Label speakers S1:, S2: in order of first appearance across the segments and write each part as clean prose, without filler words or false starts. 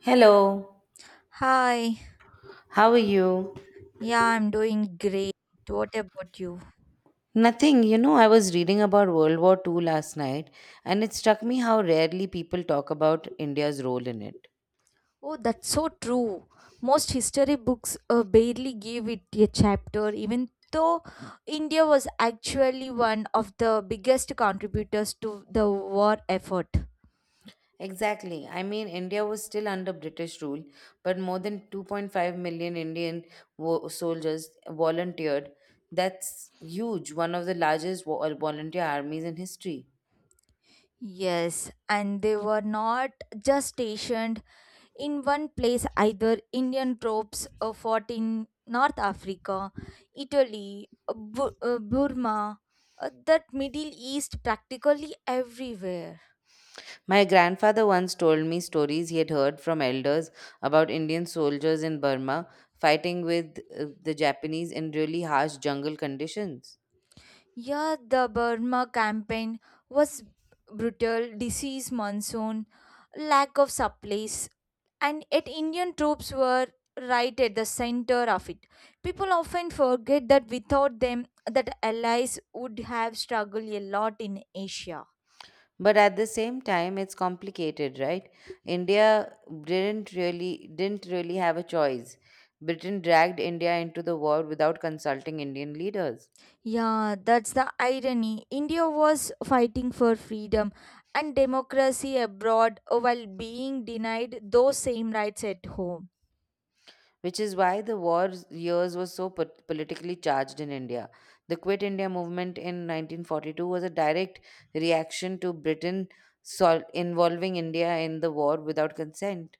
S1: Hello,
S2: Hi,
S1: how are you?
S2: yeah, I'm doing great. What about you?
S1: Nothing, I was reading about World War Two last night, and it struck me how rarely people talk about India's role in it.
S2: Oh, that's so true. Most history books barely give it a chapter, even though India was actually one of the biggest contributors to the war effort.
S1: Exactly. I mean, India was still under British rule, but more than 2.5 million Indian soldiers volunteered. That's huge, one of the largest volunteer armies in history.
S2: Yes, and they were not just stationed, in one place either. Indian troops fought in North Africa, Italy, Burma, that Middle East practically everywhere.
S1: My grandfather once told me stories he had heard from elders about Indian soldiers in Burma fighting with the Japanese in really harsh jungle conditions.
S2: Yeah, the Burma campaign was brutal, disease monsoon, lack of supplies, and yet Indian troops were right at the center of it. People often forget that without them, that allies would have struggled a lot in Asia.
S1: But at the same time, it's complicated, right? India didn't really have a choice. Britain dragged India into the war without consulting Indian leaders,
S2: Yeah, that's the irony. India was fighting for freedom and democracy abroad while being denied those same rights at home.
S1: which is why the war years were so politically charged in India. The Quit India movement in 1942 was a direct reaction to Britain involving India in the war without consent.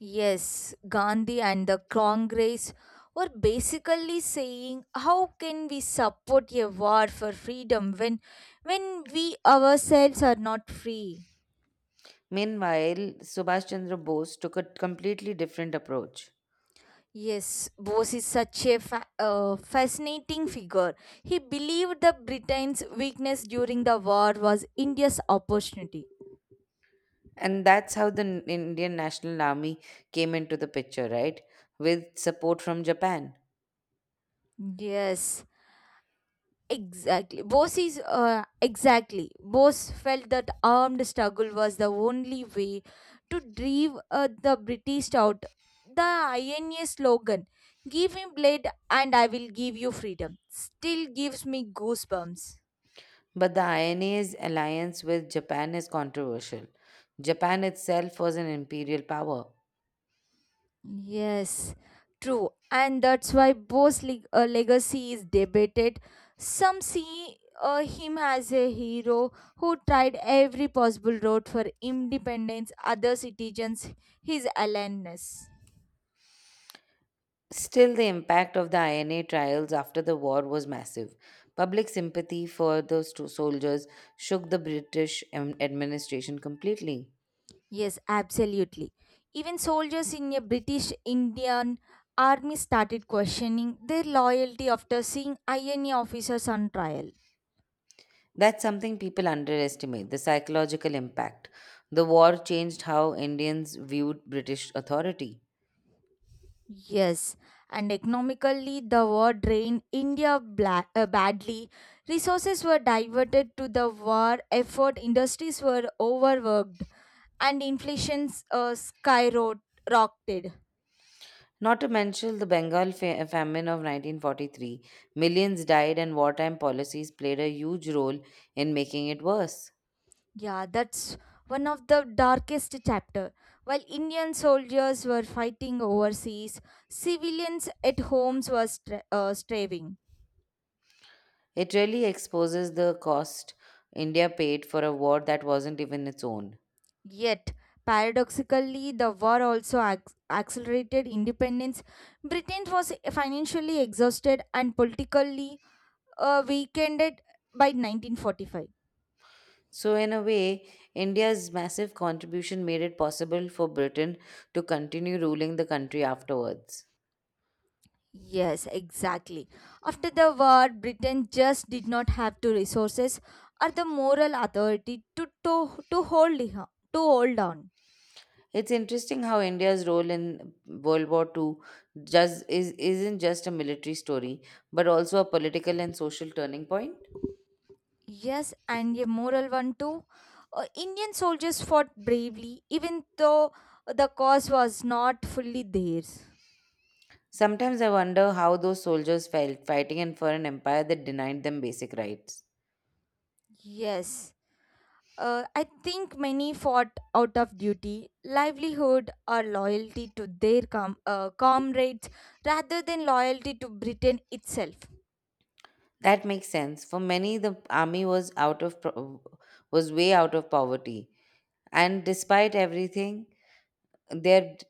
S2: Yes, Gandhi and the Congress were basically saying how can we support a war for freedom when we ourselves are not free?
S1: Meanwhile, Subhash Chandra Bose took a completely different approach.
S2: Yes, Bose is such a fascinating figure. He believed that Britain's weakness during the war was India's opportunity.
S1: And that's how the Indian National Army came into the picture, right? With support from Japan.
S2: Yes, exactly. Bose is Exactly. Bose felt that armed struggle was the only way to drive the British out. The INA slogan, "Give me blood, and I will give you freedom," still gives me goosebumps.
S1: But the INA's alliance with Japan is controversial. Japan itself was an imperial power.
S2: Yes, true. And that's why Bose's legacy is debated. Some see him as a hero who tried every possible road for independence, other citizens, his aloneness.
S1: Still, the impact of the INA trials after the war was massive. Public sympathy for the soldiers shook the British administration completely.
S2: Yes, absolutely. Even soldiers in a British Indian army started questioning their loyalty after seeing INA officers on trial.
S1: That's something people underestimate: the psychological impact. The war changed how Indians viewed British authority.
S2: Yes, and economically, the war drained India badly. Resources were diverted to the war effort, industries were overworked, and inflation's skyrocketed.
S1: Not to mention the Bengal famine of 1943. Millions died, and wartime policies played a huge role in making it worse.
S2: Yeah, that's one of the darkest chapter. While Indian soldiers were fighting overseas, civilians at homes were striving.
S1: It really exposes the cost India paid for a war that wasn't even its own.
S2: Yet, paradoxically, the war also accelerated independence. Britain was financially exhausted and politically weakened by 1945.
S1: So, in a way, India's massive contribution made it possible for Britain to continue ruling the country afterwards.
S2: Yes, exactly. After the war, Britain just did not have the resources or the moral authority to hold on.
S1: It's interesting how India's role in World War II just isn't just a military story, but also a political and social turning point.
S2: Yes, and a moral one too. Indian soldiers fought bravely, even though the cause was not fully theirs.
S1: Sometimes I wonder how those soldiers felt fighting in for an empire that denied them basic rights.
S2: Yes. I think many fought out of duty, livelihood, or loyalty to their comrades rather than loyalty to Britain itself.
S1: That makes sense. For many, the army was out of was way out of poverty, and despite everything, their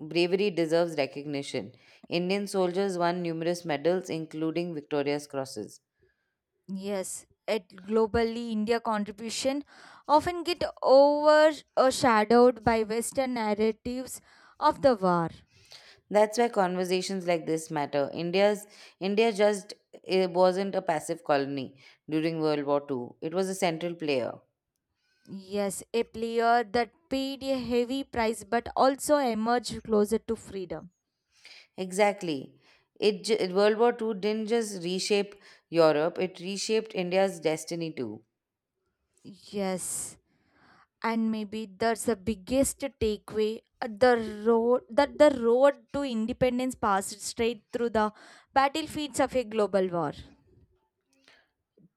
S1: bravery deserves recognition. Indian soldiers won numerous medals, including Victoria's crosses.
S2: Yes, at globally, India contribution often get overshadowed by Western narratives of the war.
S1: That's why conversations like this matter. India just, it wasn't a passive colony during World War Two. It was a central player.
S2: Yes, a player that paid a heavy price but also emerged closer to freedom.
S1: Exactly. World War 2 didn't just reshape Europe; it reshaped India's destiny too.
S2: Yes. And maybe that's the biggest takeaway, the road that the road to independence passed straight through the battlefields of a global war.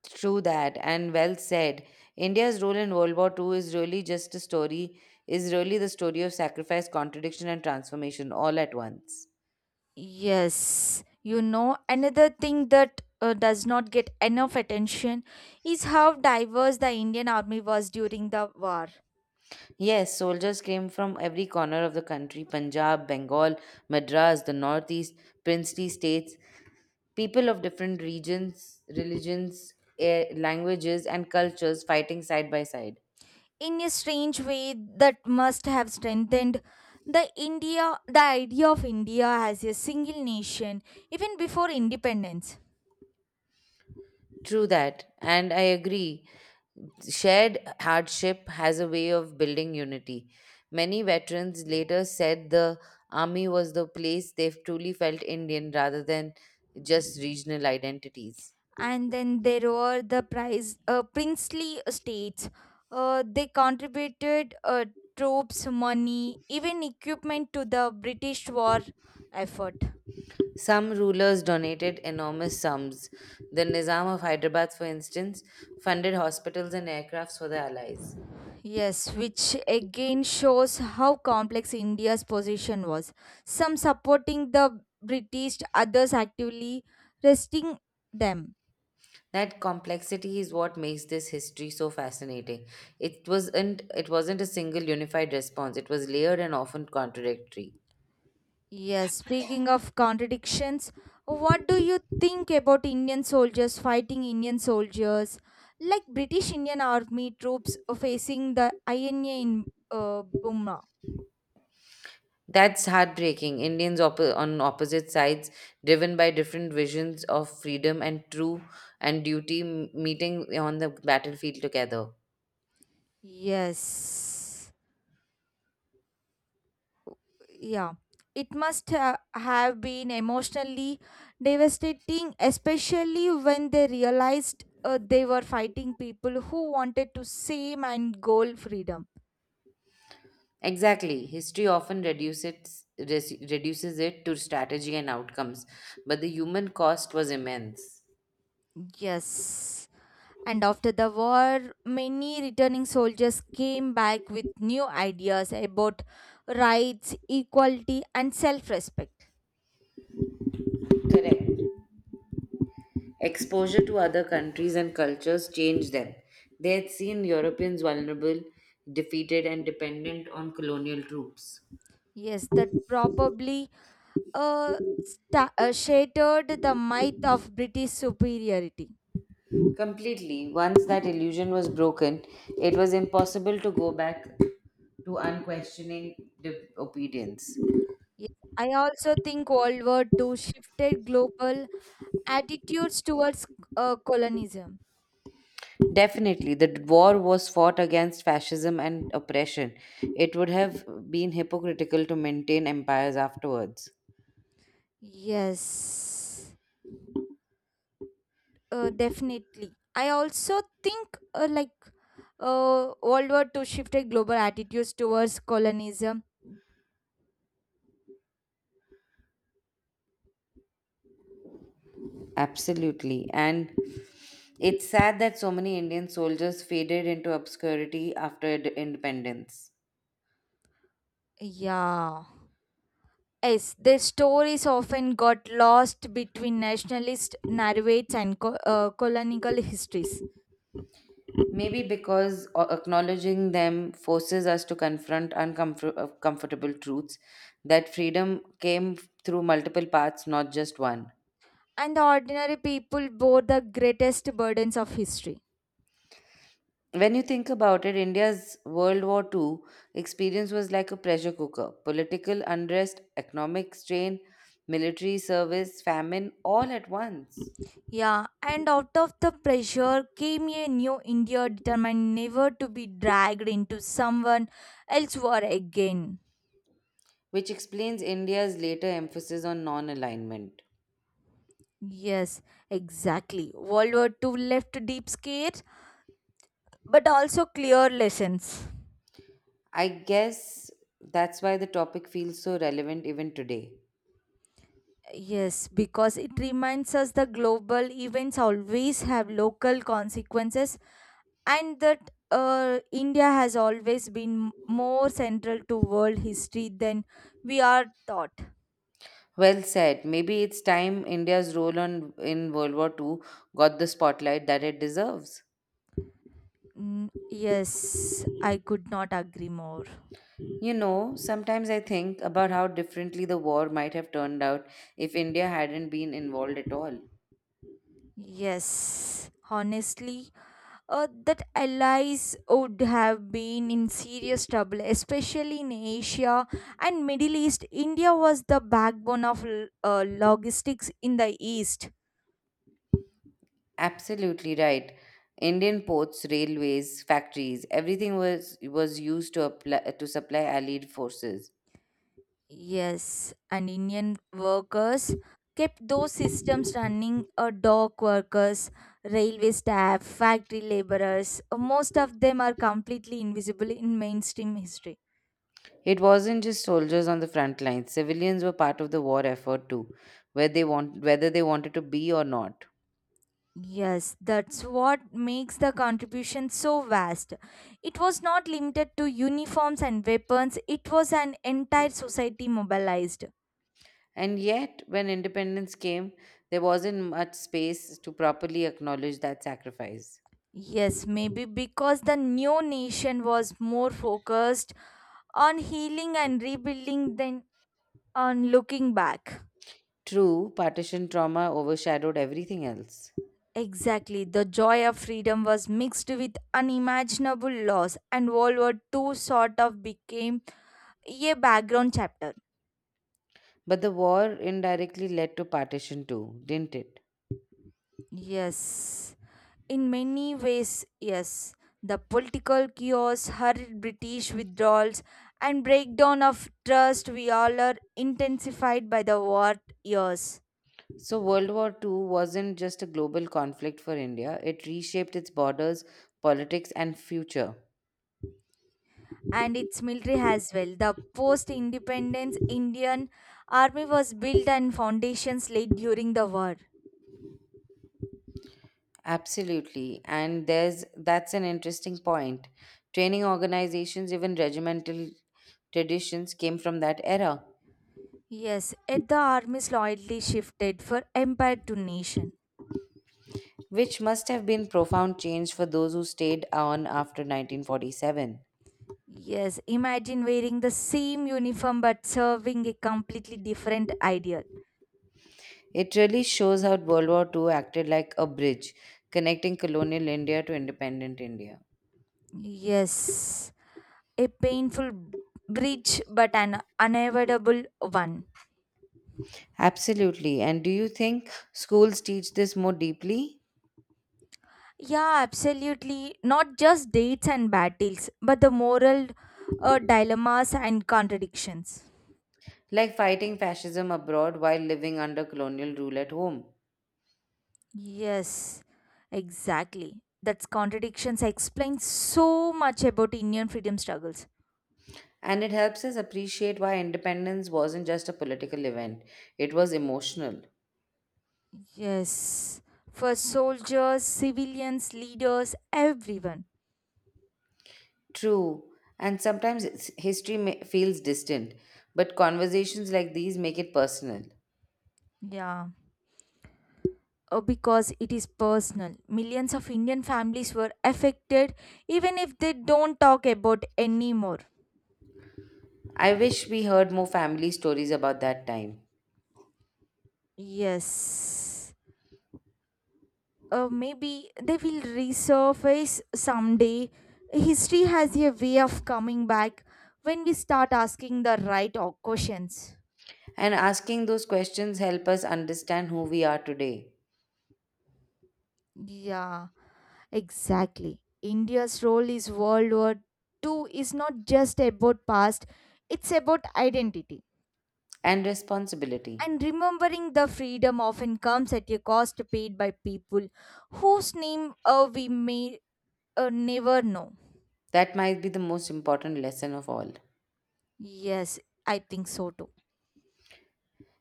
S1: True that, and well said. India's role in World War Two is really just a story, is really the story of sacrifice, contradiction, and transformation all at once.
S2: Yes, another thing that does not get enough attention is how diverse the Indian army was during the war.
S1: Yes, soldiers came from every corner of the country: Punjab, Bengal, Madras, the Northeast, princely states, people of different regions, religions, languages, and cultures fighting side by side.
S2: In a strange way that must have strengthened the idea of India as a single nation even before independence.
S1: True that, and I agree. Shared hardship has a way of building unity. Many veterans later said the army was the place they truly felt Indian rather than just regional identities.
S2: And then there were the prize princely estates. They contributed troops, money, even equipment to the British war effort.
S1: Some rulers donated enormous sums. The Nizam of Hyderabad, for instance, funded hospitals and aircrafts for the Allies.
S2: Yes, which again shows how complex India's position was. Some supporting the British, others actively resisting them.
S1: That complexity is what makes this history so fascinating. It wasn't a single unified response. It was layered and often contradictory.
S2: Yes, speaking of contradictions, what do you think about Indian soldiers fighting Indian soldiers? Like British Indian Army troops facing the INA in Burma.
S1: That's heartbreaking. Indians on opposite sides, driven by different visions of freedom and true and duty, meeting on the battlefield together.
S2: Yes. Yeah. It must have been emotionally devastating, especially when they realized they were fighting people who wanted to same and goal freedom.
S1: Exactly. History often reduces it to strategy and outcomes, but the human cost was immense.
S2: Yes. And after the war, many returning soldiers came back with new ideas about rights, equality, and self respect.
S1: Correct. Exposure to other countries and cultures changed them. They had seen Europeans vulnerable, defeated, and dependent on colonial troops.
S2: Yes, that probably uh, sta shattered the myth of British superiority.
S1: Completely. Once that illusion was broken, it was impossible to go back to unquestioning obedience.
S2: Yes, I also think World War II shifted global attitudes towards colonialism.
S1: Definitely, the war was fought against fascism and oppression. It would have been hypocritical to maintain empires afterwards.
S2: Yes. Definitely, I also think like uh, World War II shifted global attitudes towards colonialism.
S1: Absolutely. And it's sad that so many Indian soldiers faded into obscurity after independence.
S2: Yeah, yes, their stories often got lost between nationalist narratives and colonial histories.
S1: Maybe because acknowledging them forces us to confront uncomfortable truths, that freedom came through multiple paths, not just one.
S2: And the ordinary people bore the greatest burdens of history.
S1: When you think about it, India's World War Two experience was like a pressure cooker: political unrest, economic strain, military service, famine, all at once,
S2: Yeah, and out of the pressure came a new India determined never to be dragged into someone else's war again.
S1: which explains India's later emphasis on non alignment.
S2: Yes, exactly. World War II left deep scares, but also clear lessons.
S1: I guess that's why the topic feels so relevant even today.
S2: Yes, because it reminds us the global events always have local consequences and that India has always been more central to world history than we are thought.
S1: Well said. Maybe it's time India's role in World War Two got the spotlight that it deserves.
S2: Mm, yes, I could not agree more.
S1: You know, sometimes I think about how differently the war might have turned out if India hadn't been involved at all.
S2: Yes, honestly, that allies would have been in serious trouble, especially in Asia and Middle East. India was the backbone of logistics in the East.
S1: Absolutely right. Indian ports, railways, factories, everything was used to apply, to supply allied forces.
S2: Yes, and Indian workers kept those systems running. Dock workers, railway staff, factory laborers. Most of them are completely invisible in mainstream history.
S1: It wasn't just soldiers on the front lines. Civilians were part of the war effort too, whether they want whether they wanted to be or not.
S2: Yes, that's what makes the contribution so vast. It was not limited to uniforms and weapons, it was an entire society mobilized.
S1: And yet, when independence came, there wasn't much space to properly acknowledge that sacrifice.
S2: Yes, maybe because the new nation was more focused on healing and rebuilding than on looking back.
S1: True, partition trauma overshadowed everything else.
S2: Exactly, the joy of freedom was mixed with unimaginable loss, and World War II sort of became a background chapter.
S1: But the war indirectly led to partition too, didn't it?
S2: Yes. In many ways, yes. The political chaos, hurried British withdrawals, and breakdown of trust we all are intensified by the war years.
S1: So, World War 2 wasn't just a global conflict for India, it reshaped its borders, politics, and future.
S2: And its military as well. The post-independence Indian army was built and foundations laid during the war.
S1: Absolutely. And there's That's an interesting point. Training organizations, even regimental traditions, came from that era,
S2: Yes, yet the army's loyalty shifted for empire to nation.
S1: which must have been profound change for those who stayed on after 1947.
S2: Yes, imagine wearing the same uniform but serving a completely different ideal.
S1: It really shows how World War II acted like a bridge connecting colonial India to independent India.
S2: Yes, a painful bridge but an unavoidable one.
S1: Absolutely. And do you think schools teach this more deeply?
S2: Yeah, absolutely, not just dates and battles but the moral dilemmas and contradictions.
S1: Like fighting fascism abroad while living under colonial rule at home.
S2: Yes, exactly, that's contradictions explain so much about Indian freedom struggles.
S1: And it helps us appreciate why independence wasn't just a political event, it was emotional.
S2: Yes, for soldiers, civilians, leaders, everyone.
S1: True, and sometimes history feels distant, but conversations like these make it personal.
S2: Yeah, because it is personal. Millions of Indian families were affected, even if they don't talk about anymore.
S1: I wish we heard more family stories about that time.
S2: Yes, maybe they will resurface someday. History has a way of coming back when we start asking the right questions.
S1: And asking those questions help us understand who we are today,
S2: Yeah, exactly. India's role is World War II is not just about past; it's about identity.
S1: and responsibility.
S2: And remembering the freedom often comes at a cost paid by people whose name we may never know.
S1: That might be the most important lesson of all.
S2: Yes, I think so too.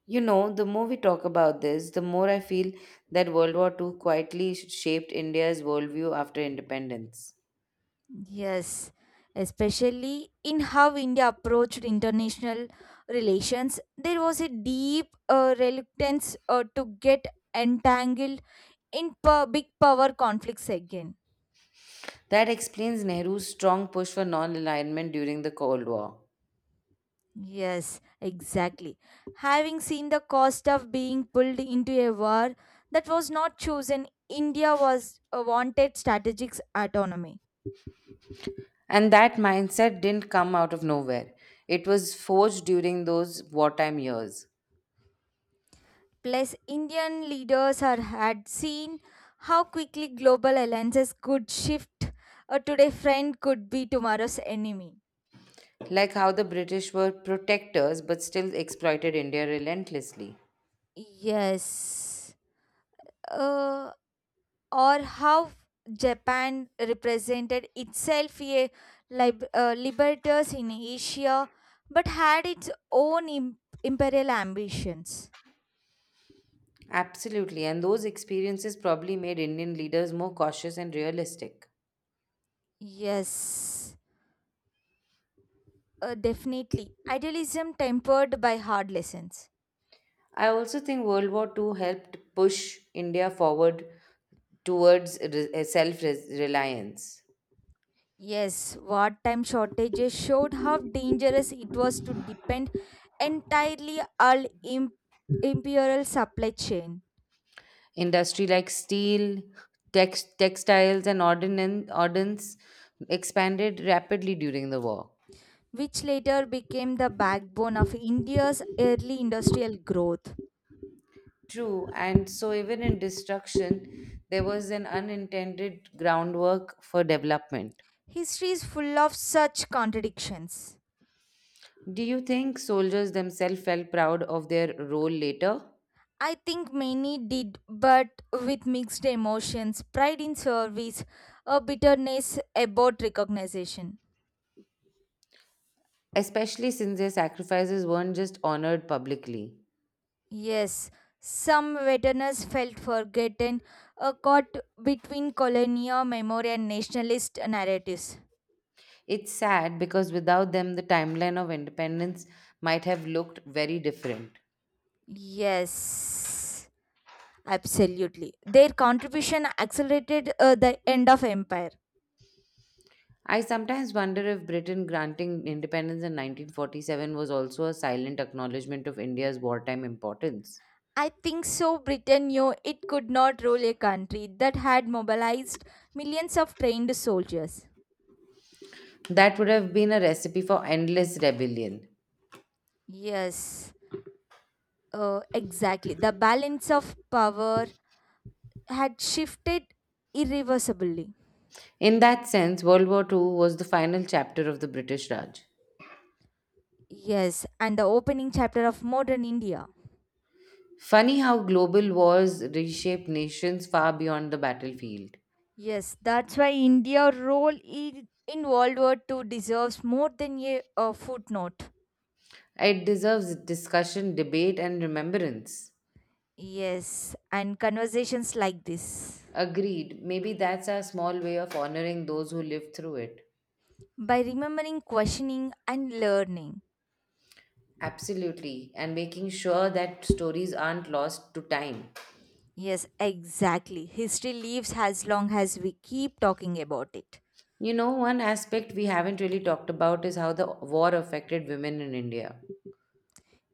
S1: You know, the more we talk about this, the more I feel that World War Two quietly shaped India's worldview after independence.
S2: Yes, especially in how India approached international relations, there was a deep reluctance to get entangled in big power conflicts again.
S1: That explains Nehru's strong push for non alignment during the Cold War.
S2: Yes, exactly. Having seen the cost of being pulled into a war that was not chosen, India was wanted strategic autonomy.
S1: And that mindset didn't come out of nowhere. It was forged during those wartime years,
S2: Plus, Indian leaders had seen how quickly global alliances could shift. A today friend could be tomorrow's enemy.
S1: like how the British were protectors but still exploited India relentlessly.
S2: Yes. Uh, or how Japan represented itself a liberators in Asia but had its own imperial ambitions.
S1: Absolutely, and those experiences probably made Indian leaders more cautious and realistic.
S2: Yes, definitely. Idealism tempered by hard lessons.
S1: I also think World War Two helped push India forward towards self reliance.
S2: Yes, wartime shortages showed how dangerous it was to depend entirely on imperial supply chain,
S1: Industry like steel, textiles, and ordnance expanded rapidly during the war.
S2: which later became the backbone of India's early industrial growth.
S1: True, and so even in destruction, there was an unintended groundwork for development.
S2: History is full of such contradictions.
S1: Do you think soldiers themselves felt proud of their role later?
S2: I think many did, but with mixed emotions pride in service, a bitterness about recognition.
S1: Especially since their sacrifices weren't just honored publicly.
S2: Yes, some veterans felt forgotten, caught between colonial memory and nationalist narratives.
S1: It's sad because without them, the timeline of independence might have looked very different.
S2: Yes, absolutely. Their contribution accelerated the end of empire.
S1: I sometimes wonder if Britain granting independence in 1947 was also a silent acknowledgement of India's wartime importance.
S2: I think so. Britain knew it could not rule a country that had mobilized millions of trained soldiers.
S1: That would have been a recipe for endless rebellion.
S2: Yes, exactly. The balance of power had shifted irreversibly.
S1: In that sense, World War II was the final chapter of the British Raj.
S2: Yes, and the opening chapter of modern India.
S1: Funny how global wars reshape nations far beyond the battlefield.
S2: Yes, that's why India's role in World War II deserves more than a footnote.
S1: It deserves discussion, debate, and remembrance.
S2: Yes, and conversations like this.
S1: Agreed. Maybe that's our small way of honoring those who lived through it.
S2: By remembering, questioning, and learning.
S1: Absolutely, and making sure that stories aren't lost to time.
S2: Yes, exactly. History lives as long as we keep talking about it.
S1: You know, one aspect we haven't really talked about is how the war affected women in India.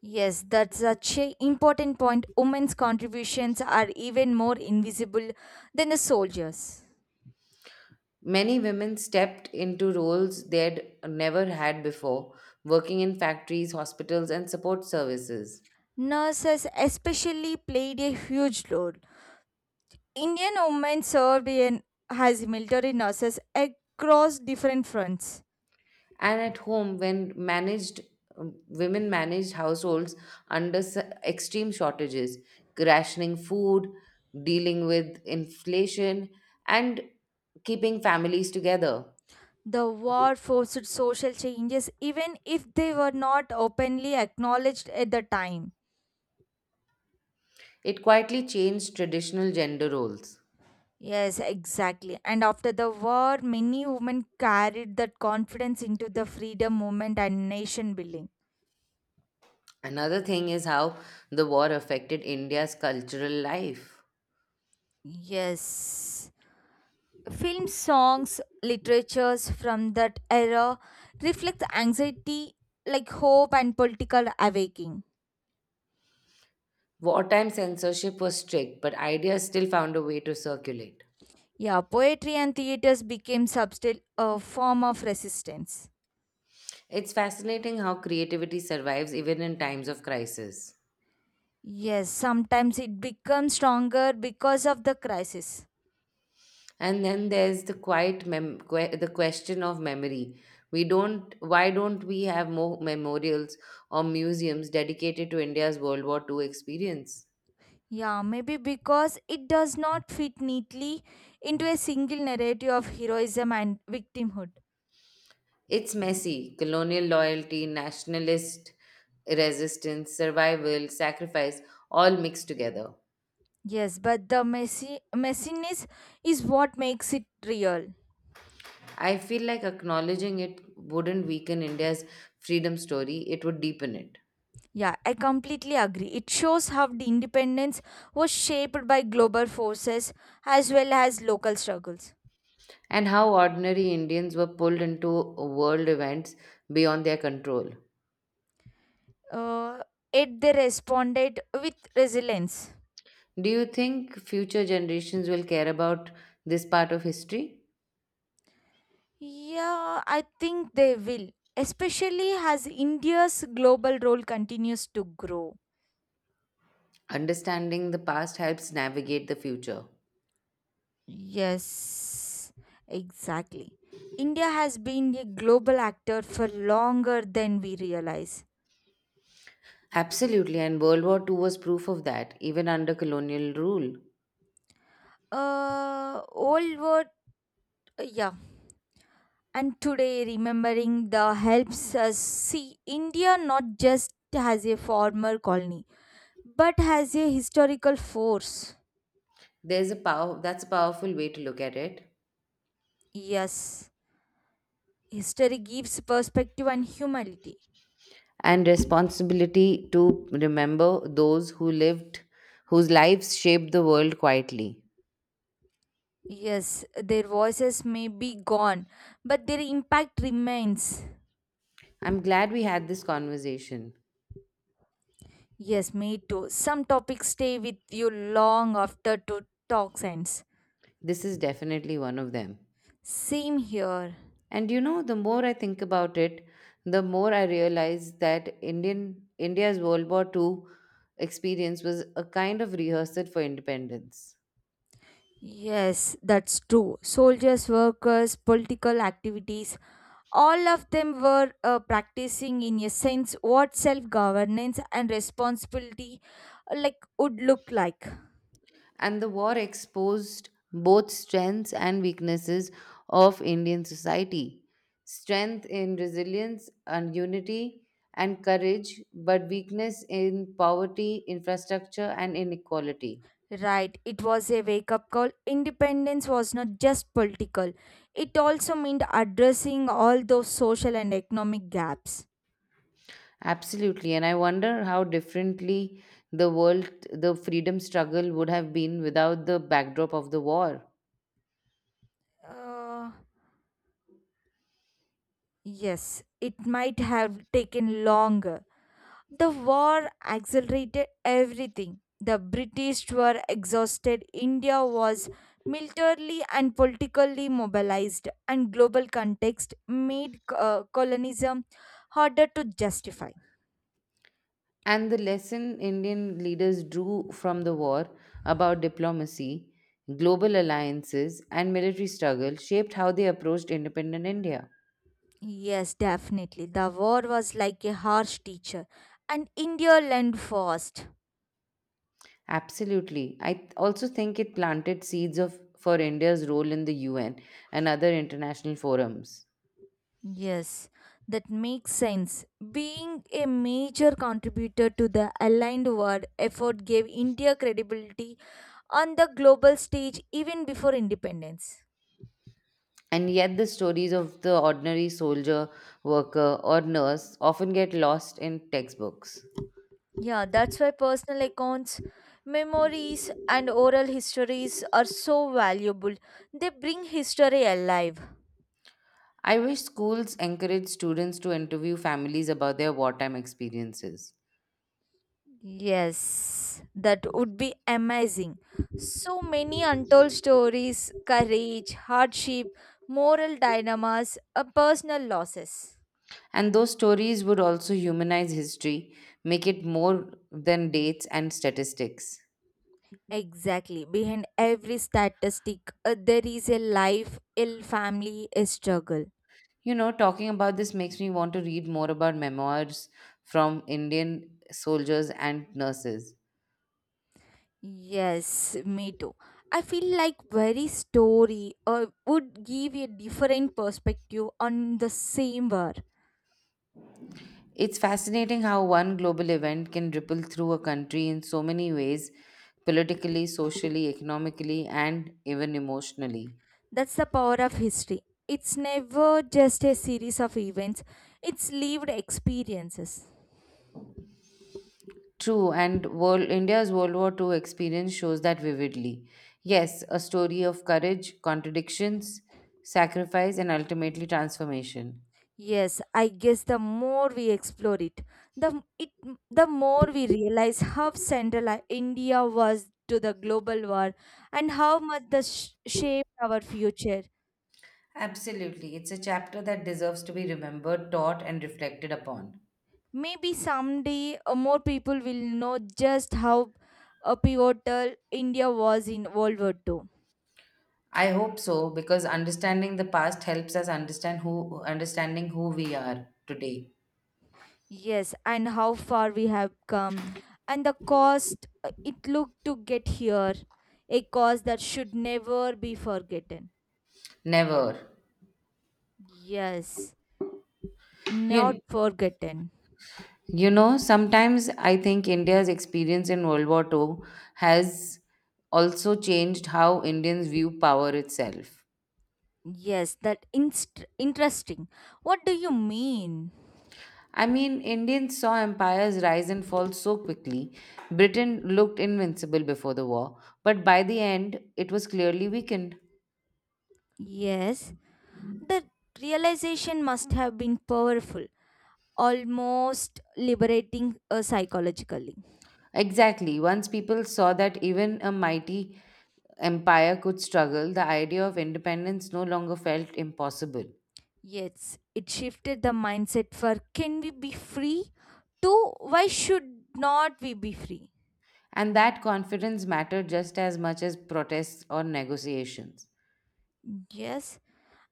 S2: Yes, that's such an important point. Women's contributions are even more invisible than the soldiers.
S1: Many women stepped into roles they'd never had before, working in factories, hospitals, and support services.
S2: Nurses, especially, played a huge role. Indian women served as military nurses across different fronts.
S1: And at home, when managed women managed households under extreme shortages, rationing food, dealing with inflation, and keeping families together.
S2: The war forced social changes, even if they were not openly acknowledged at the time.
S1: It quietly changed traditional gender roles.
S2: Yes, exactly. And after the war, many women carried that confidence into the freedom movement and nation building.
S1: Another thing is how the war affected india's cultural life.
S2: Yes. Film songs, literatures from that era reflect anxiety, like hope and political awakening.
S1: Wartime censorship was strict, but ideas still found a way to circulate.
S2: Yeah, poetry and theaters became substill a form of resistance.
S1: It's fascinating how creativity survives even in times of crisis.
S2: Yes, sometimes it becomes stronger because of the crisis.
S1: And then there's the quiet the question of memory. We don't Why don't we have more memorials or museums dedicated to India's World War Two experience?
S2: Yeah, maybe because it does not fit neatly into a single narrative of heroism and victimhood.
S1: It's messy. Colonial loyalty, nationalist resistance, survival, sacrifice, all mixed together.
S2: Yes, but the messy messiness is what makes it real.
S1: I feel like acknowledging it wouldn't weaken India's freedom story, it would deepen it.
S2: Yeah, I completely agree. It shows how the independence was shaped by global forces as well as local struggles.
S1: And how ordinary Indians were pulled into world events beyond their control.
S2: Uh, Yet they responded with resilience.
S1: Do you think future generations will care about this part of history?
S2: Yeah, I think they will, especially as India's global role continues to grow.
S1: Understanding the past helps navigate the future.
S2: Yes, exactly. India has been a global actor for longer than we realize.
S1: Absolutely, and World War II was proof of that, even under colonial rule.
S2: Old word, yeah. And today, remembering the helps us see India not just as a former colony, but as a historical force.
S1: There's a power That's a powerful way to look at it.
S2: Yes, history gives perspective and humanity.
S1: And responsibility to remember those who lived whose lives shaped the world quietly.
S2: Yes, their voices may be gone, but their impact remains.
S1: I'm glad we had this conversation.
S2: Yes, me too. Some topics stay with you long after to talk ends.
S1: This is definitely one of them.
S2: Same here.
S1: And you know, the more I think about it, the more I realize that Indian India's World War Two experience was a kind of rehearsal for independence.
S2: Yes, that's true. Soldiers, workers, political activities, all of them were practicing in a sense what self governance and responsibility like would look like.
S1: And the war exposed both strengths and weaknesses of Indian society. Strength in resilience and unity and courage, but weakness in poverty, infrastructure, and inequality.
S2: Right, it was a wake up call. Independence was not just political, it also meant addressing all those social and economic gaps.
S1: Absolutely. And I wonder how differently the freedom struggle would have been without the backdrop of the war.
S2: Uh, Yes, it might have taken longer. The war accelerated everything. The British were exhausted, India was militarily and politically mobilized, and global context made colonialism harder to justify.
S1: And the lesson Indian leaders drew from the war about diplomacy, global alliances, and military struggle shaped how they approached independent India.
S2: Yes, definitely. The war was like a harsh teacher, and India learned fast.
S1: Absolutely. I also think it planted seeds of for India's role in the UN and other international forums.
S2: Yes, that makes sense. Being a major contributor to the aligned world effort gave India credibility on the global stage even before independence.
S1: And yet, the stories of the ordinary soldier, worker, or nurse often get lost in textbooks.
S2: Yeah, that's why personal accounts, memories, and oral histories are so valuable. They bring history alive.
S1: I wish schools encourage students to interview families about their wartime experiences.
S2: Yes, that would be amazing. So many untold stories, courage, hardship, moral dilemmas, personal losses.
S1: And those stories would also humanize history, make it more than dates and statistics.
S2: Exactly. Behind every statistic, there is a life, a family, a struggle.
S1: You know, talking about this makes me want to read more about memoirs from Indian soldiers and nurses.
S2: Yes, me too. I feel like very story would give a different perspective on the same war.
S1: It's fascinating how one global event can ripple through a country in so many ways: politically, socially, economically, and even emotionally.
S2: That's the power of history. It's never just a series of events, it's lived experiences.
S1: India's World War II experience shows that vividly. Yes, a story of courage, contradictions, sacrifice, and ultimately transformation.
S2: Yes, I guess the more we explore it, the it the more we realize how central India was to the global war and how much shaped our future.
S1: Absolutely. It's a chapter that deserves to be remembered, taught, and reflected upon.
S2: Maybe someday more people will know just how pivotal India was in World War II.
S1: I hope so, because understanding the past helps us understand who we are today.
S2: Yes, and how far we have come, and the cost it looked to get here, a cost that should never be forgotten.
S1: Never.
S2: Yes, not
S1: You,
S2: forgotten.
S1: you know, sometimes I think India's experience in World War Two has also changed how Indians view power itself.
S2: Yes, that interesting. What do you mean?
S1: I mean, Indians saw empires rise and fall so quickly. Britain looked invincible before the war, but by the end, it was clearly weakened.
S2: Yes, the realization must have been powerful, almost liberating psychologically.
S1: Exactly. Once people saw that even a mighty empire could struggle, the idea of independence no longer felt impossible.
S2: Yes, it shifted the mindset for can we be free to why should not we be free?
S1: And that confidence mattered just as much as protests or negotiations.
S2: Yes,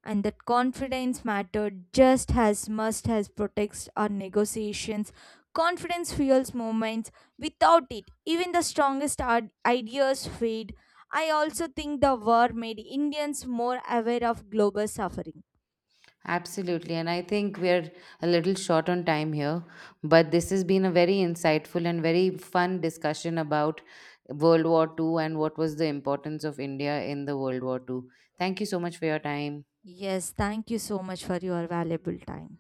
S2: and that confidence mattered just as much as protects our negotiations. Confidence fuels movements. Without it, even the strongest ideas fade. I also think the war made Indians more aware of global suffering.
S1: Absolutely. And I think we're a little short on time here, but this has been a very insightful and very fun discussion about World War Two and what was the importance of India in the World War Two. Thank you so much for your time.
S2: Yes, thank you so much for your valuable time.